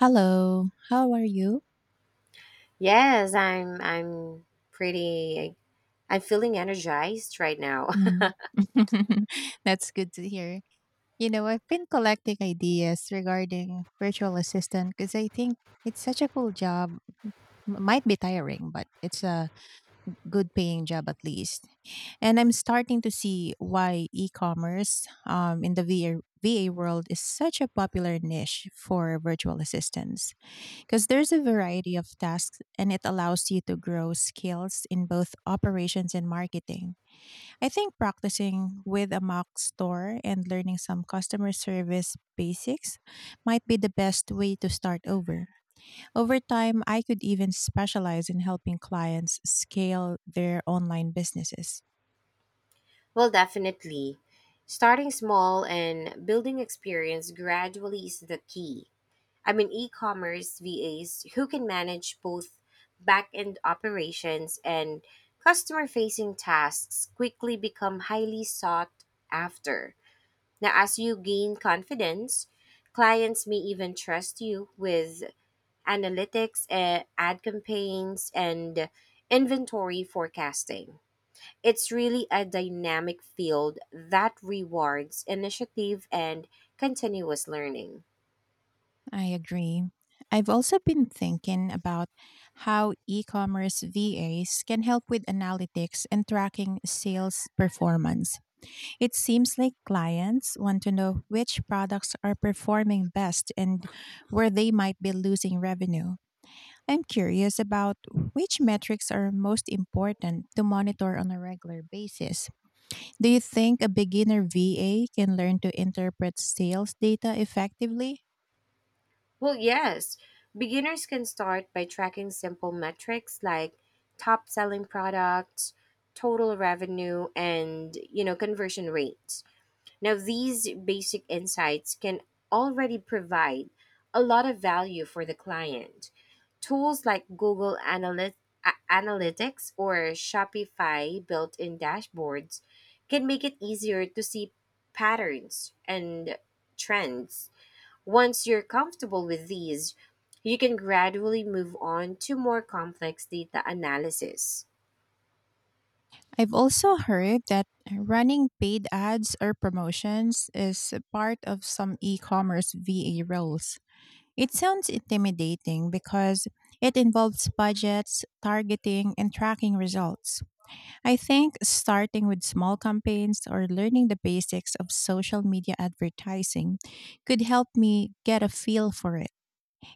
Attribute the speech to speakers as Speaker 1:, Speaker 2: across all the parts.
Speaker 1: Hello, how are you?
Speaker 2: Yes, pretty I'm feeling energized right now.
Speaker 1: Mm. That's good to hear. You know, I've been collecting ideas regarding virtual assistant because I think it's such a cool job. Might be tiring, but it's a good paying job at least. And I'm starting to see why e-commerce in the VR, VA world is such a popular niche for virtual assistants because there's a variety of tasks and it allows you to grow skills in both operations and marketing. I think practicing with a mock store and learning some customer service basics might be the best way to start over. Over time, I could even specialize in helping clients scale their online businesses.
Speaker 2: Well, definitely. Starting small and building experience gradually is the key. I mean, e-commerce VAs who can manage both back-end operations and customer-facing tasks quickly become highly sought after. Now, as you gain confidence, clients may even trust you with analytics, ad campaigns, and inventory forecasting. It's really a dynamic field that rewards initiative and continuous learning.
Speaker 1: I agree. I've also been thinking about how e commerce VAs can help with analytics and tracking sales performance. It seems like clients want to know which products are performing best and where they might be losing revenue. I'm curious about which metrics are most important to monitor on a regular basis. Do you think a beginner VA can learn to interpret sales data effectively?
Speaker 2: Well, yes, beginners can start by tracking simple metrics like top selling products, total revenue, and you know, conversion rates. Now, these basic insights can already provide a lot of value for the client. Tools like Analytics or Shopify built in dashboards can make it easier to see patterns and trends. Once you're comfortable with these, you can gradually move on to more complex data analysis.
Speaker 1: I've also heard that running paid ads or promotions is a part of some e commerce VA roles. It sounds intimidating because it involves budgets, targeting, and tracking results. I think starting with small campaigns or learning the basics of social media advertising could help me get a feel for it.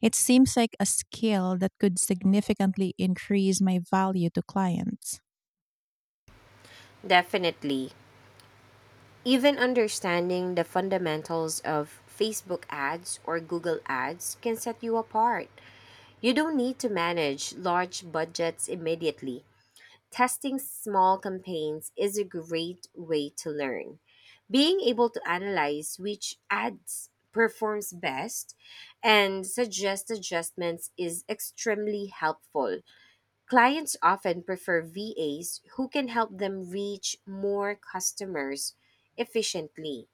Speaker 1: It seems like a skill that could significantly increase my value to clients.
Speaker 2: Definitely. Even understanding the fundamentals of Facebook ads or Google ads can set you apart. You don't need to manage large budgets immediately. Testing small campaigns is a great way to learn. Being able to analyze which ads performs best and suggest adjustments is extremely helpful. Clients often prefer VAs who can help them reach more customers efficiently.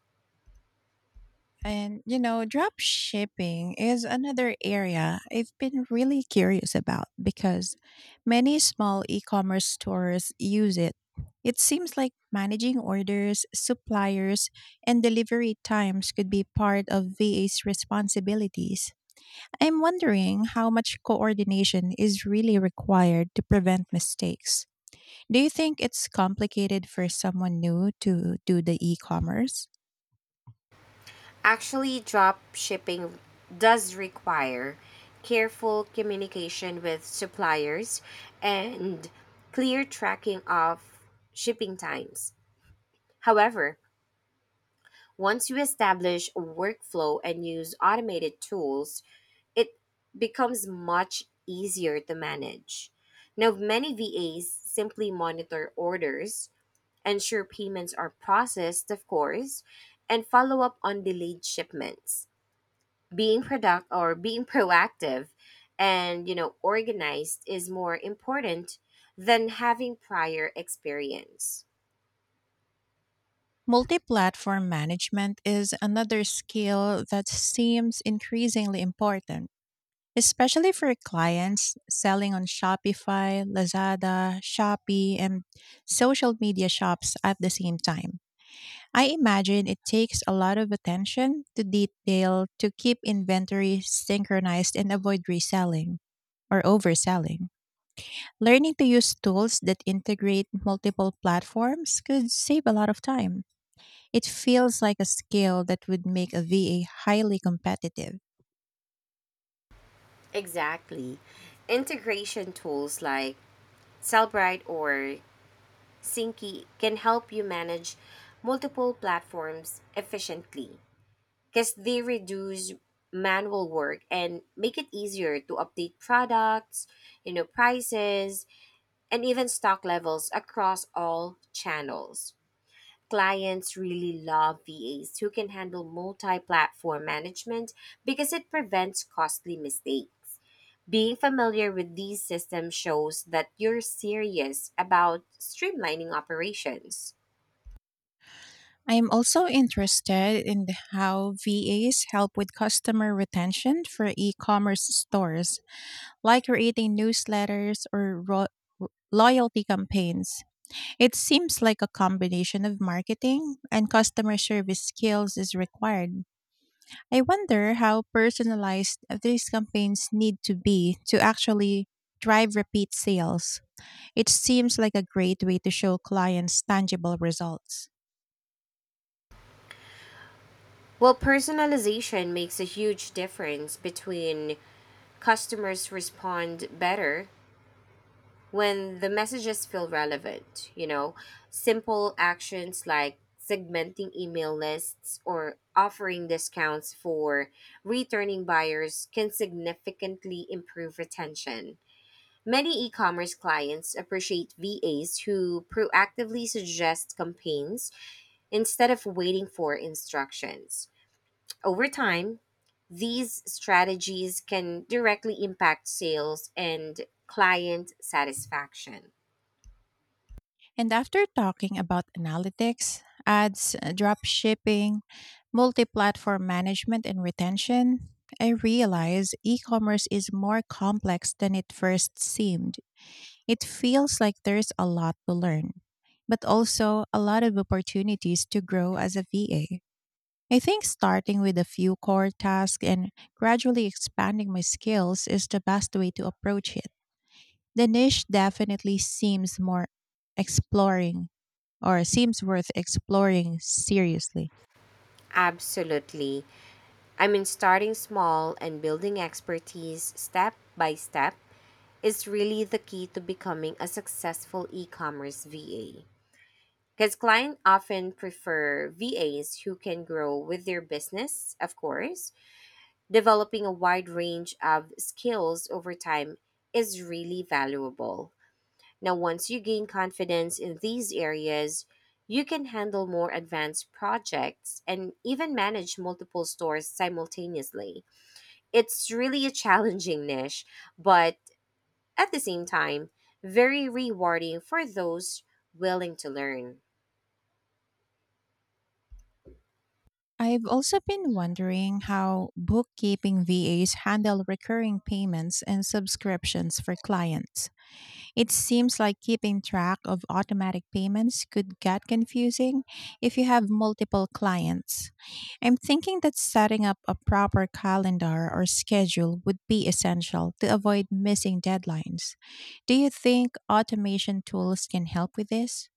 Speaker 1: And you know, drop shipping is another area I've been really curious about because many small e-commerce stores use it. It seems like managing orders, suppliers, and delivery times could be part of VA's responsibilities. I'm wondering how much coordination is really required to prevent mistakes. Do you think it's complicated for someone new to do the e-commerce?
Speaker 2: Actually, drop shipping does require careful communication with suppliers and clear tracking of shipping times. However, once you establish a workflow and use automated tools, it becomes much easier to manage. Now, many VAs simply monitor orders, ensure payments are processed, of course, and follow up on delayed shipments, being product or being proactive and you know organized is more important than having prior experience.
Speaker 1: Multi platform management is another skill that seems increasingly important, especially for clients selling on Shopify, Lazada, Shopee, and social media shops at the same time. I imagine it takes a lot of attention to detail to keep inventory synchronized and avoid reselling or overselling. Learning to use tools that integrate multiple platforms could save a lot of time. It feels like a skill that would make a VA highly competitive.
Speaker 2: Exactly, integration tools like Cellbrite or Synci can help you manage multiple platforms efficiently because they reduce manual work and make it easier to update products, you know, prices, and even stock levels across all channels. Clients really love VAs who can handle multi platform management because it prevents costly mistakes. Being familiar with these systems shows that you're serious about streamlining operations.
Speaker 1: I am also interested in how VAs help with customer retention for e commerce stores, like creating newsletters or loyalty campaigns. It seems like a combination of marketing and customer service skills is required. I wonder how personalized these campaigns need to be to actually drive repeat sales. It seems like a great way to show clients tangible results.
Speaker 2: Well, personalization makes a huge difference between customers respond better when the messages feel relevant, you know, simple actions like segmenting email lists or offering discounts for returning buyers can significantly improve retention. Many e commerce clients appreciate VAs who proactively suggest campaigns instead of waiting for instructions. Over time, these strategies can directly impact sales and client satisfaction.
Speaker 1: And after talking about analytics, ads, drop shipping, multi platform management, and retention, I realize e commerce is more complex than it first seemed. It feels like there's a lot to learn, but also a lot of opportunities to grow as a VA. I think starting with a few core tasks and gradually expanding my skills is the best way to approach it. The niche definitely exploring seems worth exploring seriously.
Speaker 2: Absolutely. I mean, starting small and building expertise step by step is really the key to becoming a successful e commerce VA. Because clients often prefer VAs who can grow with their business, of course. Developing a wide range of skills over time is really valuable. Now, once you gain confidence in these areas, you can handle more advanced projects and even manage multiple stores simultaneously. It's really a challenging niche, but at the same time, very rewarding for those willing to learn.
Speaker 1: I've also been wondering how bookkeeping VAs handle recurring payments and subscriptions for clients. It seems like keeping track of automatic payments could get confusing if you have multiple clients. I'm thinking that setting up a proper calendar or schedule would be essential to avoid missing deadlines. Do you think automation tools can help with this?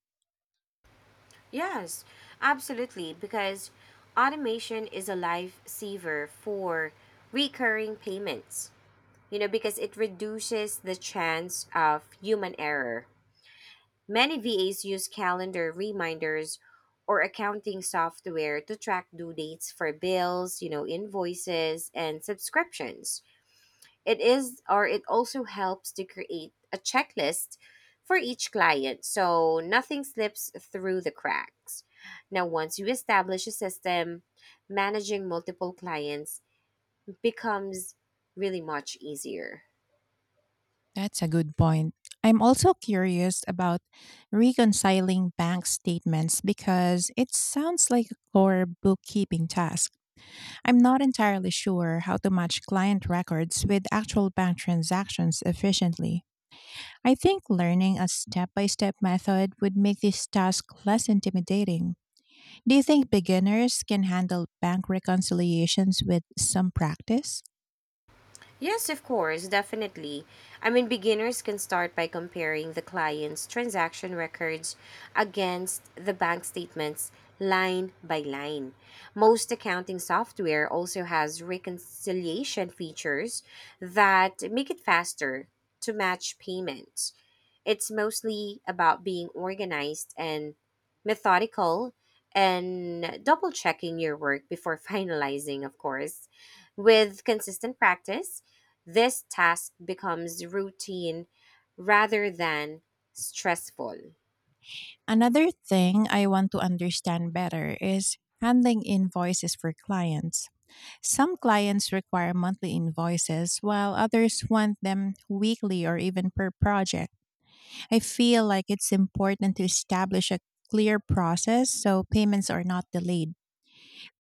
Speaker 2: Yes, absolutely, because automation is a lifesaver for recurring payments, you know, because it reduces the chance of human error. Many VAs use calendar reminders or accounting software to track due dates for bills, you know, invoices and subscriptions. It is or it also helps to create a checklist for each client so nothing slips through the cracks. Now, once you establish a system, managing multiple clients becomes really much easier.
Speaker 1: That's a good point. I'm also curious about reconciling bank statements because it sounds like a core bookkeeping task. I'm not entirely sure how to match client records with actual bank transactions efficiently. I think learning a step by step method would make this task less intimidating. Do you think beginners can handle bank reconciliations with some practice?
Speaker 2: Yes, of course, definitely. I mean, beginners can start by comparing the client's transaction records against the bank statements line by line. Most accounting software also has reconciliation features that make it faster to match payments. It's mostly about being organized and methodical and double checking your work before finalizing, of course. With consistent practice, this task becomes routine rather than stressful.
Speaker 1: Another thing I want to understand better is handling invoices for clients. Some clients require monthly invoices, while others want them weekly or even per project. I feel like it's important to establish a clear process so payments are not delayed.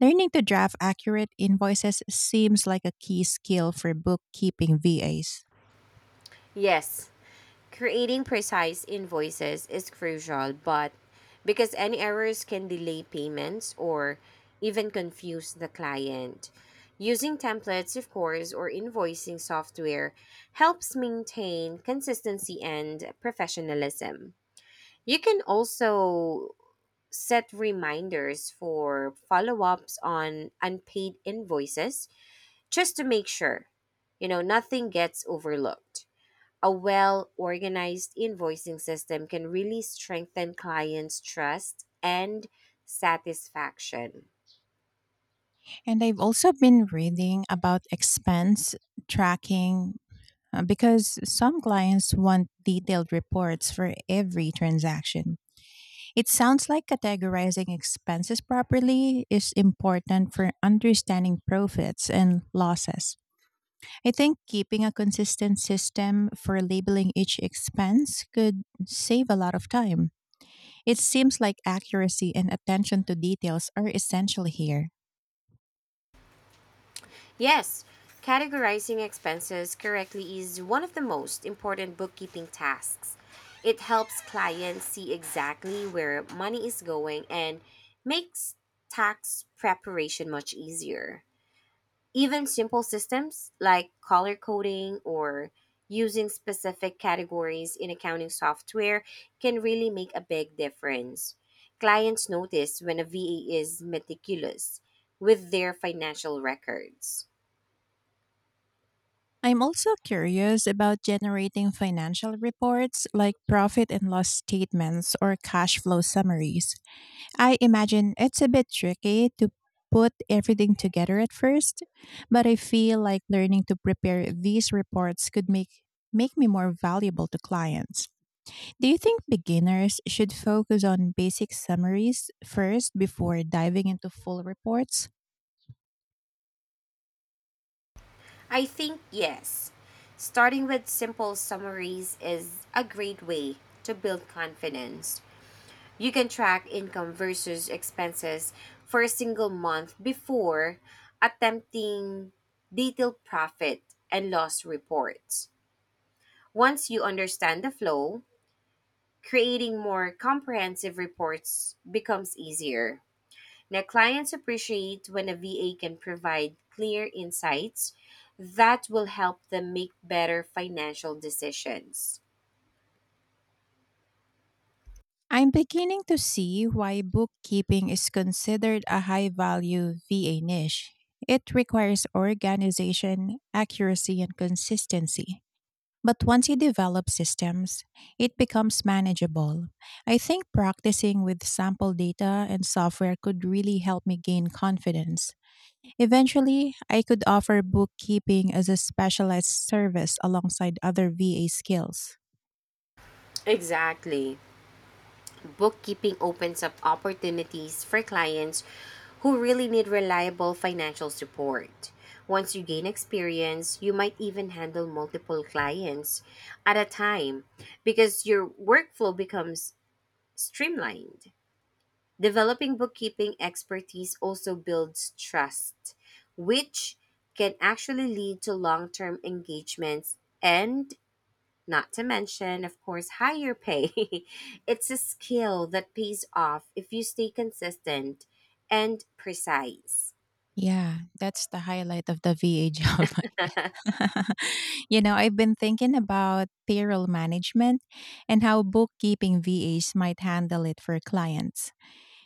Speaker 1: Learning to draft accurate invoices seems like a key skill for bookkeeping VAs.
Speaker 2: Yes, creating precise invoices is crucial, but because any errors can delay payments or even confuse the client. Using templates, of course, or invoicing software helps maintain consistency and professionalism. You can also set reminders for follow ups on unpaid invoices just to make sure, you know, nothing gets overlooked. A well organized invoicing system can really strengthen clients' trust and satisfaction.
Speaker 1: And I've also been reading about expense tracking because some clients want detailed reports for every transaction. It sounds like categorizing expenses properly is important for understanding profits and losses. I think keeping a consistent system for labeling each expense could save a lot of time. It seems like accuracy and attention to details are essential here.
Speaker 2: Yes, categorizing expenses correctly is one of the most important bookkeeping tasks. It helps clients see exactly where money is going and makes tax preparation much easier. Even simple systems like color coding or using specific categories in accounting software can really make a big difference. Clients notice when a VA is meticulous with their financial records.
Speaker 1: I'm also curious about generating financial reports like profit and loss statements or cash flow summaries. I imagine it's a bit tricky to put everything together at first, but I feel like learning to prepare these reports could make me more valuable to clients. Do you think beginners should focus on basic summaries first before diving into full reports?
Speaker 2: I think yes. Starting with simple summaries is a great way to build confidence. You can track income versus expenses for a single month before attempting detailed profit and loss reports. Once you understand the flow, creating more comprehensive reports becomes easier. Now, clients appreciate when a VA can provide clear insights that will help them make better financial decisions.
Speaker 1: I'm beginning to see why bookkeeping is considered a high value VA niche. It requires organization, accuracy, and consistency. But once you develop systems, it becomes manageable. I think practicing with sample data and software could really help me gain confidence. Eventually, I could offer bookkeeping as a specialized service alongside other VA skills.
Speaker 2: Exactly. Bookkeeping opens up opportunities for clients who really need reliable financial support. Once you gain experience, you might even handle multiple clients at a time because your workflow becomes streamlined. Developing bookkeeping expertise also builds trust, which can actually lead to long term engagements and, not to mention, of course, higher pay. It's a skill that pays off if you stay consistent and precise.
Speaker 1: Yeah, that's the highlight of the VA job. You know, I've been thinking about payroll management and how bookkeeping VAs might handle it for clients.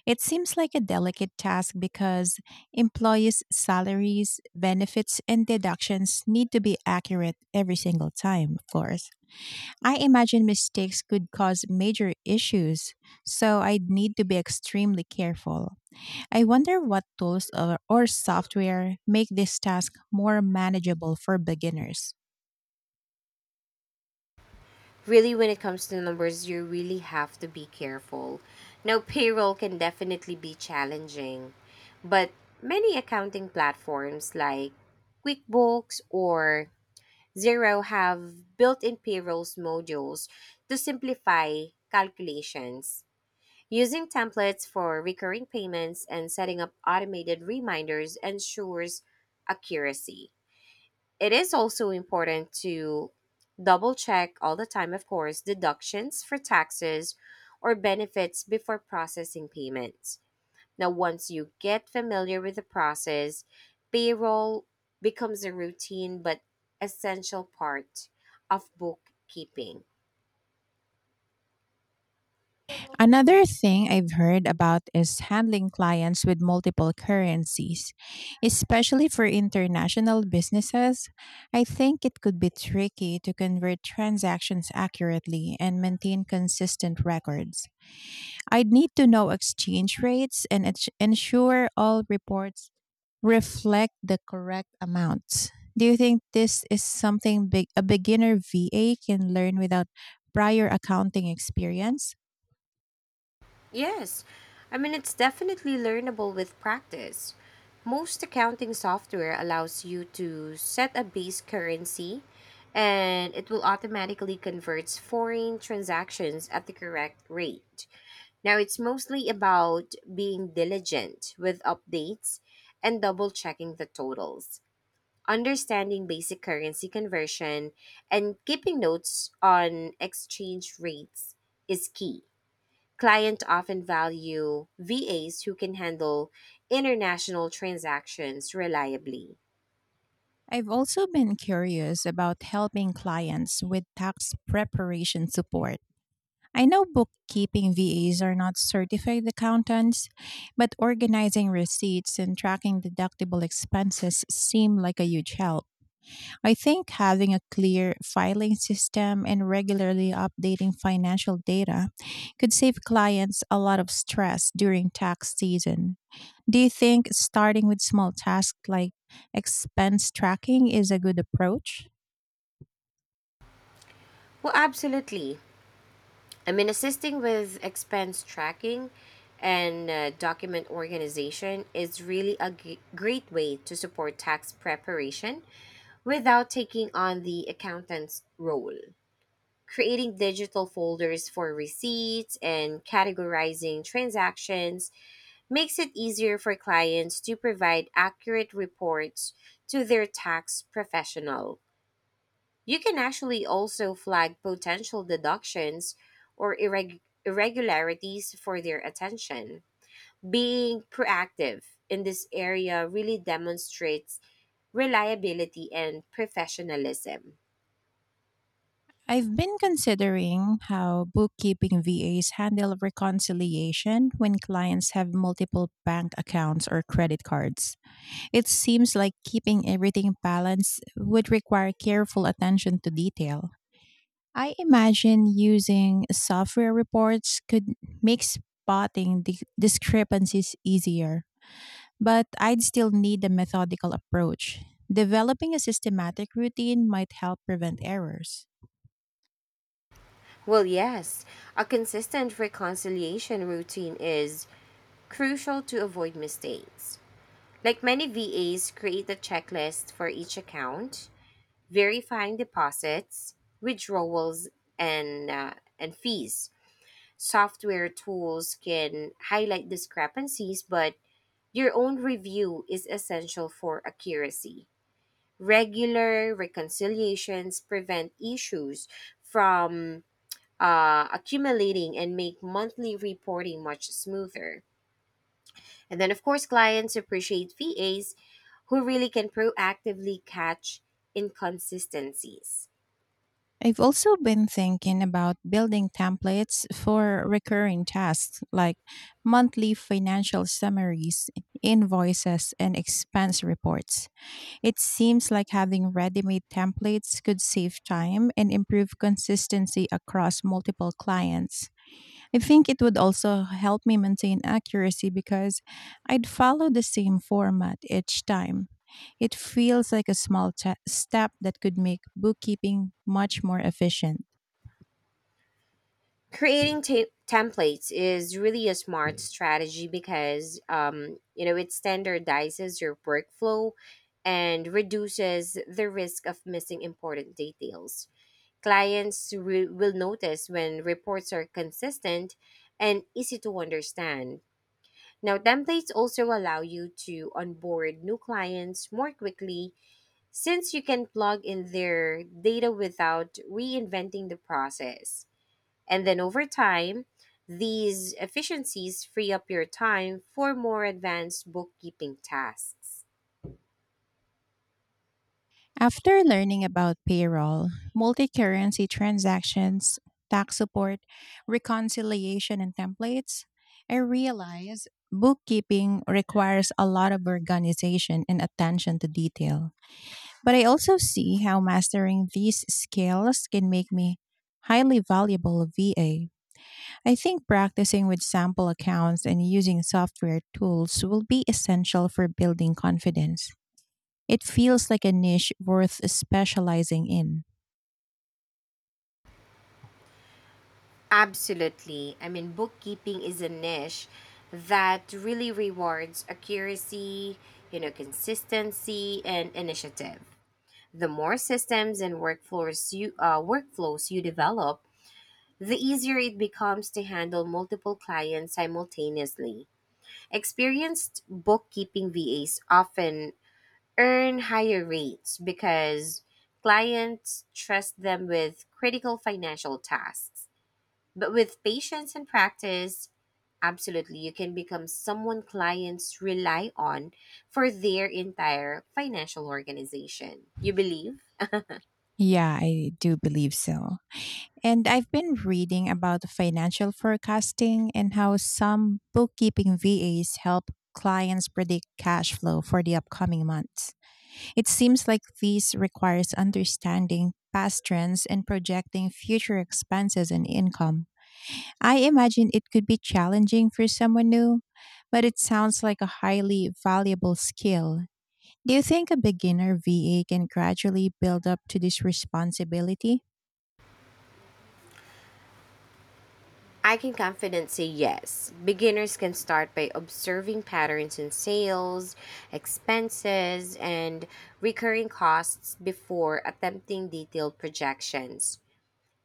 Speaker 1: It seems like a delicate task because employees' salaries, benefits, and deductions need to be accurate every single time, of course. I imagine mistakes could cause major issues, so I'd need to be extremely careful. I wonder what tools or software make this task more manageable for beginners.
Speaker 2: Really, when it comes to numbers, you really have to be careful. Now, payroll can definitely be challenging, but many accounting platforms like QuickBooks or Zero have built-in payrolls modules to simplify calculations. Using templates for recurring payments and setting up automated reminders ensures accuracy. It is also important to double check all the time, of course, deductions for taxes or benefits before processing payments. Now, once you get familiar with the process, payroll becomes a routine but essential part of bookkeeping.
Speaker 1: Another thing I've heard about is handling clients with multiple currencies, especially for international businesses. I think it could be tricky to convert transactions accurately and maintain consistent records. I'd need to know exchange rates and ensure all reports reflect the correct amounts. Do you think this is something big, a beginner VA can learn without prior accounting experience?
Speaker 2: Yes, I mean, it's definitely learnable with practice. Most accounting software allows you to set a base currency and it will automatically convert foreign transactions at the correct rate. Now, it's mostly about being diligent with updates and double checking the totals, understanding basic currency conversion, and keeping notes on exchange rates is key. Clients often value VAs who can handle international transactions reliably.
Speaker 1: I've also been curious about helping clients with tax preparation support. I know bookkeeping VAs are not certified accountants, but organizing receipts and tracking deductible expenses seem like a huge help. I think having a clear filing system and regularly updating financial data could save clients a lot of stress during tax season. Do you think starting with small tasks like expense tracking is a good approach?
Speaker 2: Well, absolutely. I mean, assisting with expense tracking and document organization is really great way to support tax preparation without taking on the accountant's role. Creating digital folders for receipts and categorizing transactions makes it easier for clients to provide accurate reports to their tax professional. You can actually also flag potential deductions or irregularities for their attention. Being proactive in this area really demonstrates reliability and professionalism.
Speaker 1: I've been considering how bookkeeping VAs handle reconciliation when clients have multiple bank accounts or credit cards. It seems like keeping everything balanced would require careful attention to detail. I imagine using software reports could make spotting discrepancies easier, but I'd still need a methodical approach. Developing a systematic routine might help prevent errors.
Speaker 2: Well, yes, a consistent reconciliation routine is crucial to avoid mistakes. Like many VAs, create a checklist for each account, verifying deposits, withdrawals, and and fees. Software tools can highlight discrepancies, but your own review is essential for accuracy. Regular reconciliations prevent issues from accumulating and make monthly reporting much smoother. And then, of course, clients appreciate VAs who really can proactively catch inconsistencies.
Speaker 1: I've also been thinking about building templates for recurring tasks like monthly financial summaries, invoices, and expense reports. It seems like having ready made templates could save time and improve consistency across multiple clients. I think it would also help me maintain accuracy because I'd follow the same format each time. It feels like a small ta step that could make bookkeeping much more efficient.
Speaker 2: Creating templates is really a smart strategy because you know it standardizes your workflow and reduces the risk of missing important details. Clients will notice when reports are consistent and easy to understand. Now templates also allow you to onboard new clients more quickly since you can plug in their data without reinventing the process, and then over time, these efficiencies free up your time for more advanced bookkeeping tasks.
Speaker 1: After learning about payroll, multi currency transactions, tax support, reconciliation, and templates, I realize bookkeeping requires a lot of organization and attention to detail. But I also see how mastering these skills can make me highly valuable VA. I think practicing with sample accounts and using software tools will be essential for building confidence. It feels like a niche worth specializing in.
Speaker 2: Absolutely. I mean, bookkeeping is a niche that really rewards accuracy, you know, consistency, and initiative. The more systems and workflows you develop, the easier it becomes to handle multiple clients simultaneously. Experienced bookkeeping VAs often earn higher rates because clients trust them with critical financial tasks. But with patience and practice, absolutely, you can become someone clients rely on for their entire financial organization. You believe?
Speaker 1: Yeah, I do believe so. And I've been reading about financial forecasting and how some bookkeeping VAs help clients predict cash flow for the upcoming months. It seems like this requires understanding past trends and projecting future expenses and income. I imagine it could be challenging for someone new, but it sounds like a highly valuable skill. Do you think a beginner VA can gradually build up to this responsibility?
Speaker 2: I can confidently say yes. Beginners can start by observing patterns in sales, expenses, and recurring costs before attempting detailed projections.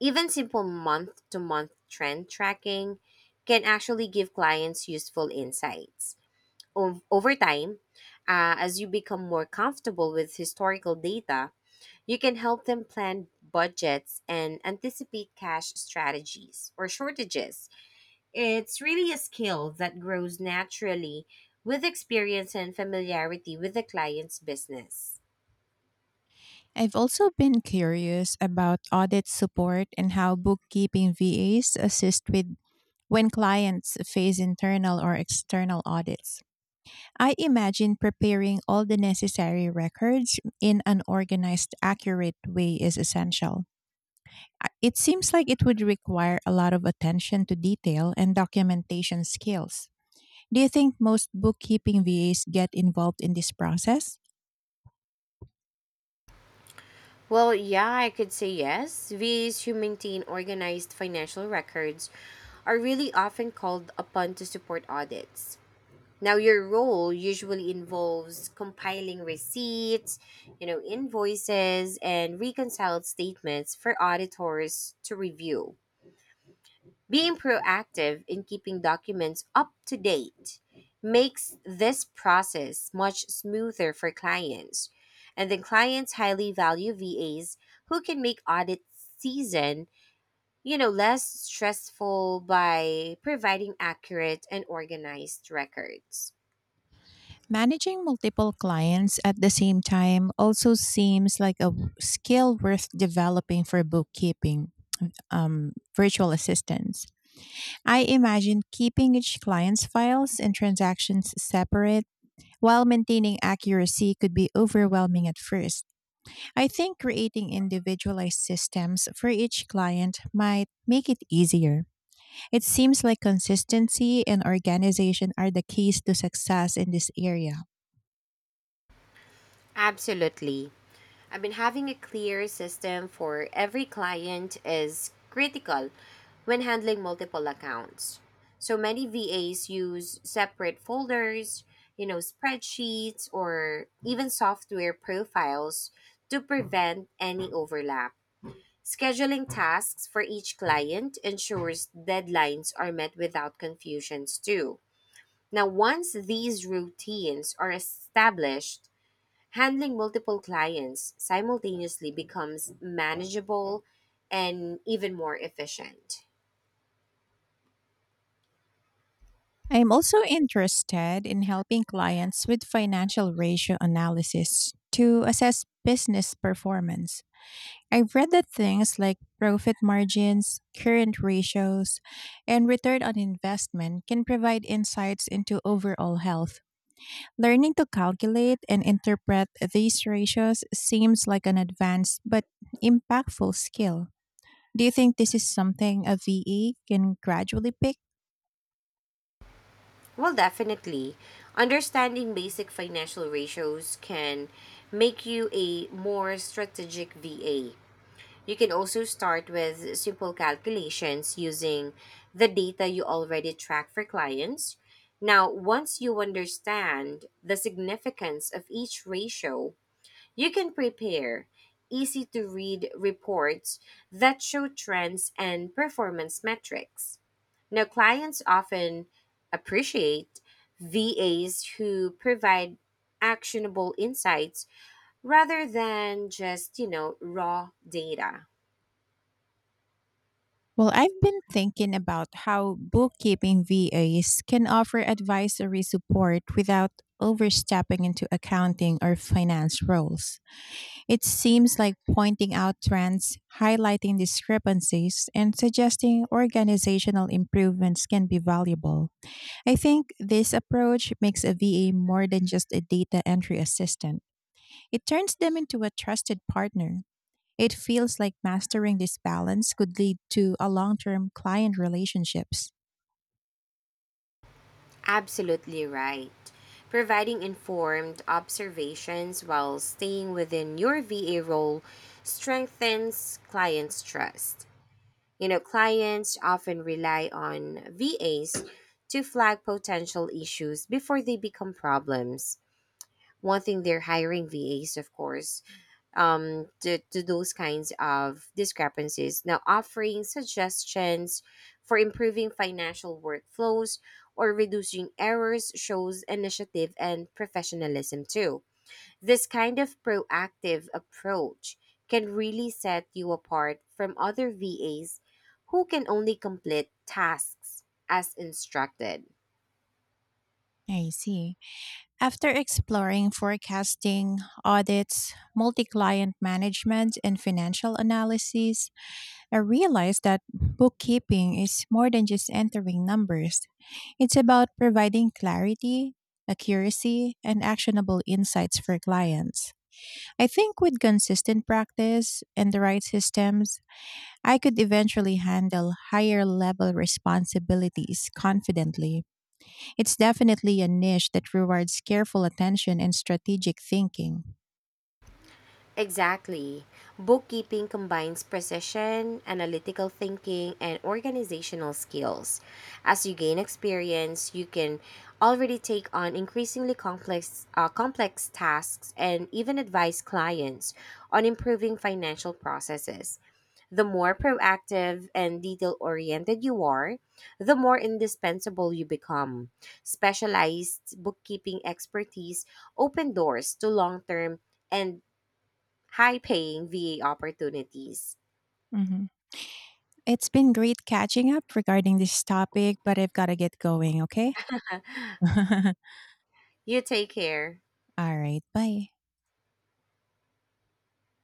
Speaker 2: Even simple month to month trend tracking can actually give clients useful insights. Over time, as you become more comfortable with historical data, you can help them plan budgets and anticipate cash strategies or shortages. It's really a skill that grows naturally with experience and familiarity with the client's business.
Speaker 1: I've also been curious about audit support and how bookkeeping VAs assist with when clients face internal or external audits. I imagine preparing all the necessary records in an organized, accurate way is essential. It seems like it would require a lot of attention to detail and documentation skills. Do you think most bookkeeping VAs get involved in this process?
Speaker 2: Well, yeah, I could say yes. VAs who maintain organized financial records are really often called upon to support audits. Now, your role usually involves compiling receipts, you know, invoices, and reconciled statements for auditors to review. Being proactive in keeping documents up to date makes this process much smoother for clients. And then clients highly value VAs who can make audit season, you know, less stressful by providing accurate and organized records.
Speaker 1: Managing multiple clients at the same time also seems like a skill worth developing for bookkeeping virtual assistants. I imagine keeping each client's files and transactions separate while maintaining accuracy could be overwhelming at first. I think creating individualized systems for each client might make it easier. It seems like consistency and organization are the keys to success in this area.
Speaker 2: Absolutely. I mean, having a clear system for every client is critical when handling multiple accounts. So many VAs use separate folders, you know, spreadsheets, or even software profiles to prevent any overlap. Scheduling tasks for each client ensures deadlines are met without confusions, too. Now, once these routines are established, handling multiple clients simultaneously becomes manageable and even more efficient.
Speaker 1: I am also interested in helping clients with financial ratio analysis to assess business performance. I've read that things like profit margins, current ratios, and return on investment can provide insights into overall health. Learning to calculate and interpret these ratios seems like an advanced but impactful skill. Do you think this is something a VE can gradually pick?
Speaker 2: Well, definitely. Understanding basic financial ratios can make you a more strategic VA. You can also start with simple calculations using the data you already track for clients. Now, once you understand the significance of each ratio, you can prepare easy to read reports that show trends and performance metrics. Now, clients often appreciate VAs who provide actionable insights rather than just, you know, raw data.
Speaker 1: Well, I've been thinking about how bookkeeping VAs can offer advisory support without overstepping into accounting or finance roles. It seems like pointing out trends, highlighting discrepancies, and suggesting organizational improvements can be valuable. I think this approach makes a VA more than just a data entry assistant, it turns them into a trusted partner. It feels like mastering this balance could lead to a long term client relationships.
Speaker 2: Absolutely right. Providing informed observations while staying within your VA role strengthens clients' trust. You know, clients often rely on VAs to flag potential issues before they become problems. One thing they're hiring VAs, of course, to those kinds of discrepancies. Now, offering suggestions for improving financial workflows or reducing errors shows initiative and professionalism, too. This kind of proactive approach can really set you apart from other VAs who can only complete tasks as instructed.
Speaker 1: I see. After exploring forecasting, audits, multi client management, and financial analysis, I realized that bookkeeping is more than just entering numbers. It's about providing clarity, accuracy, and actionable insights for clients. I think with consistent practice and the right systems, I could eventually handle higher level responsibilities confidently. It's definitely a niche that rewards careful attention and strategic thinking.
Speaker 2: Exactly. Bookkeeping combines precision, analytical thinking, and organizational skills. As you gain experience, you can already take on increasingly complex tasks and even advise clients on improving financial processes. The more proactive and detail oriented you are, the more indispensable you become. Specialized bookkeeping expertise open doors to long term and high paying VA opportunities.
Speaker 1: Mhm. It's been great catching up regarding this topic, but I've got to get going, okay?
Speaker 2: You take care.
Speaker 1: All right, bye.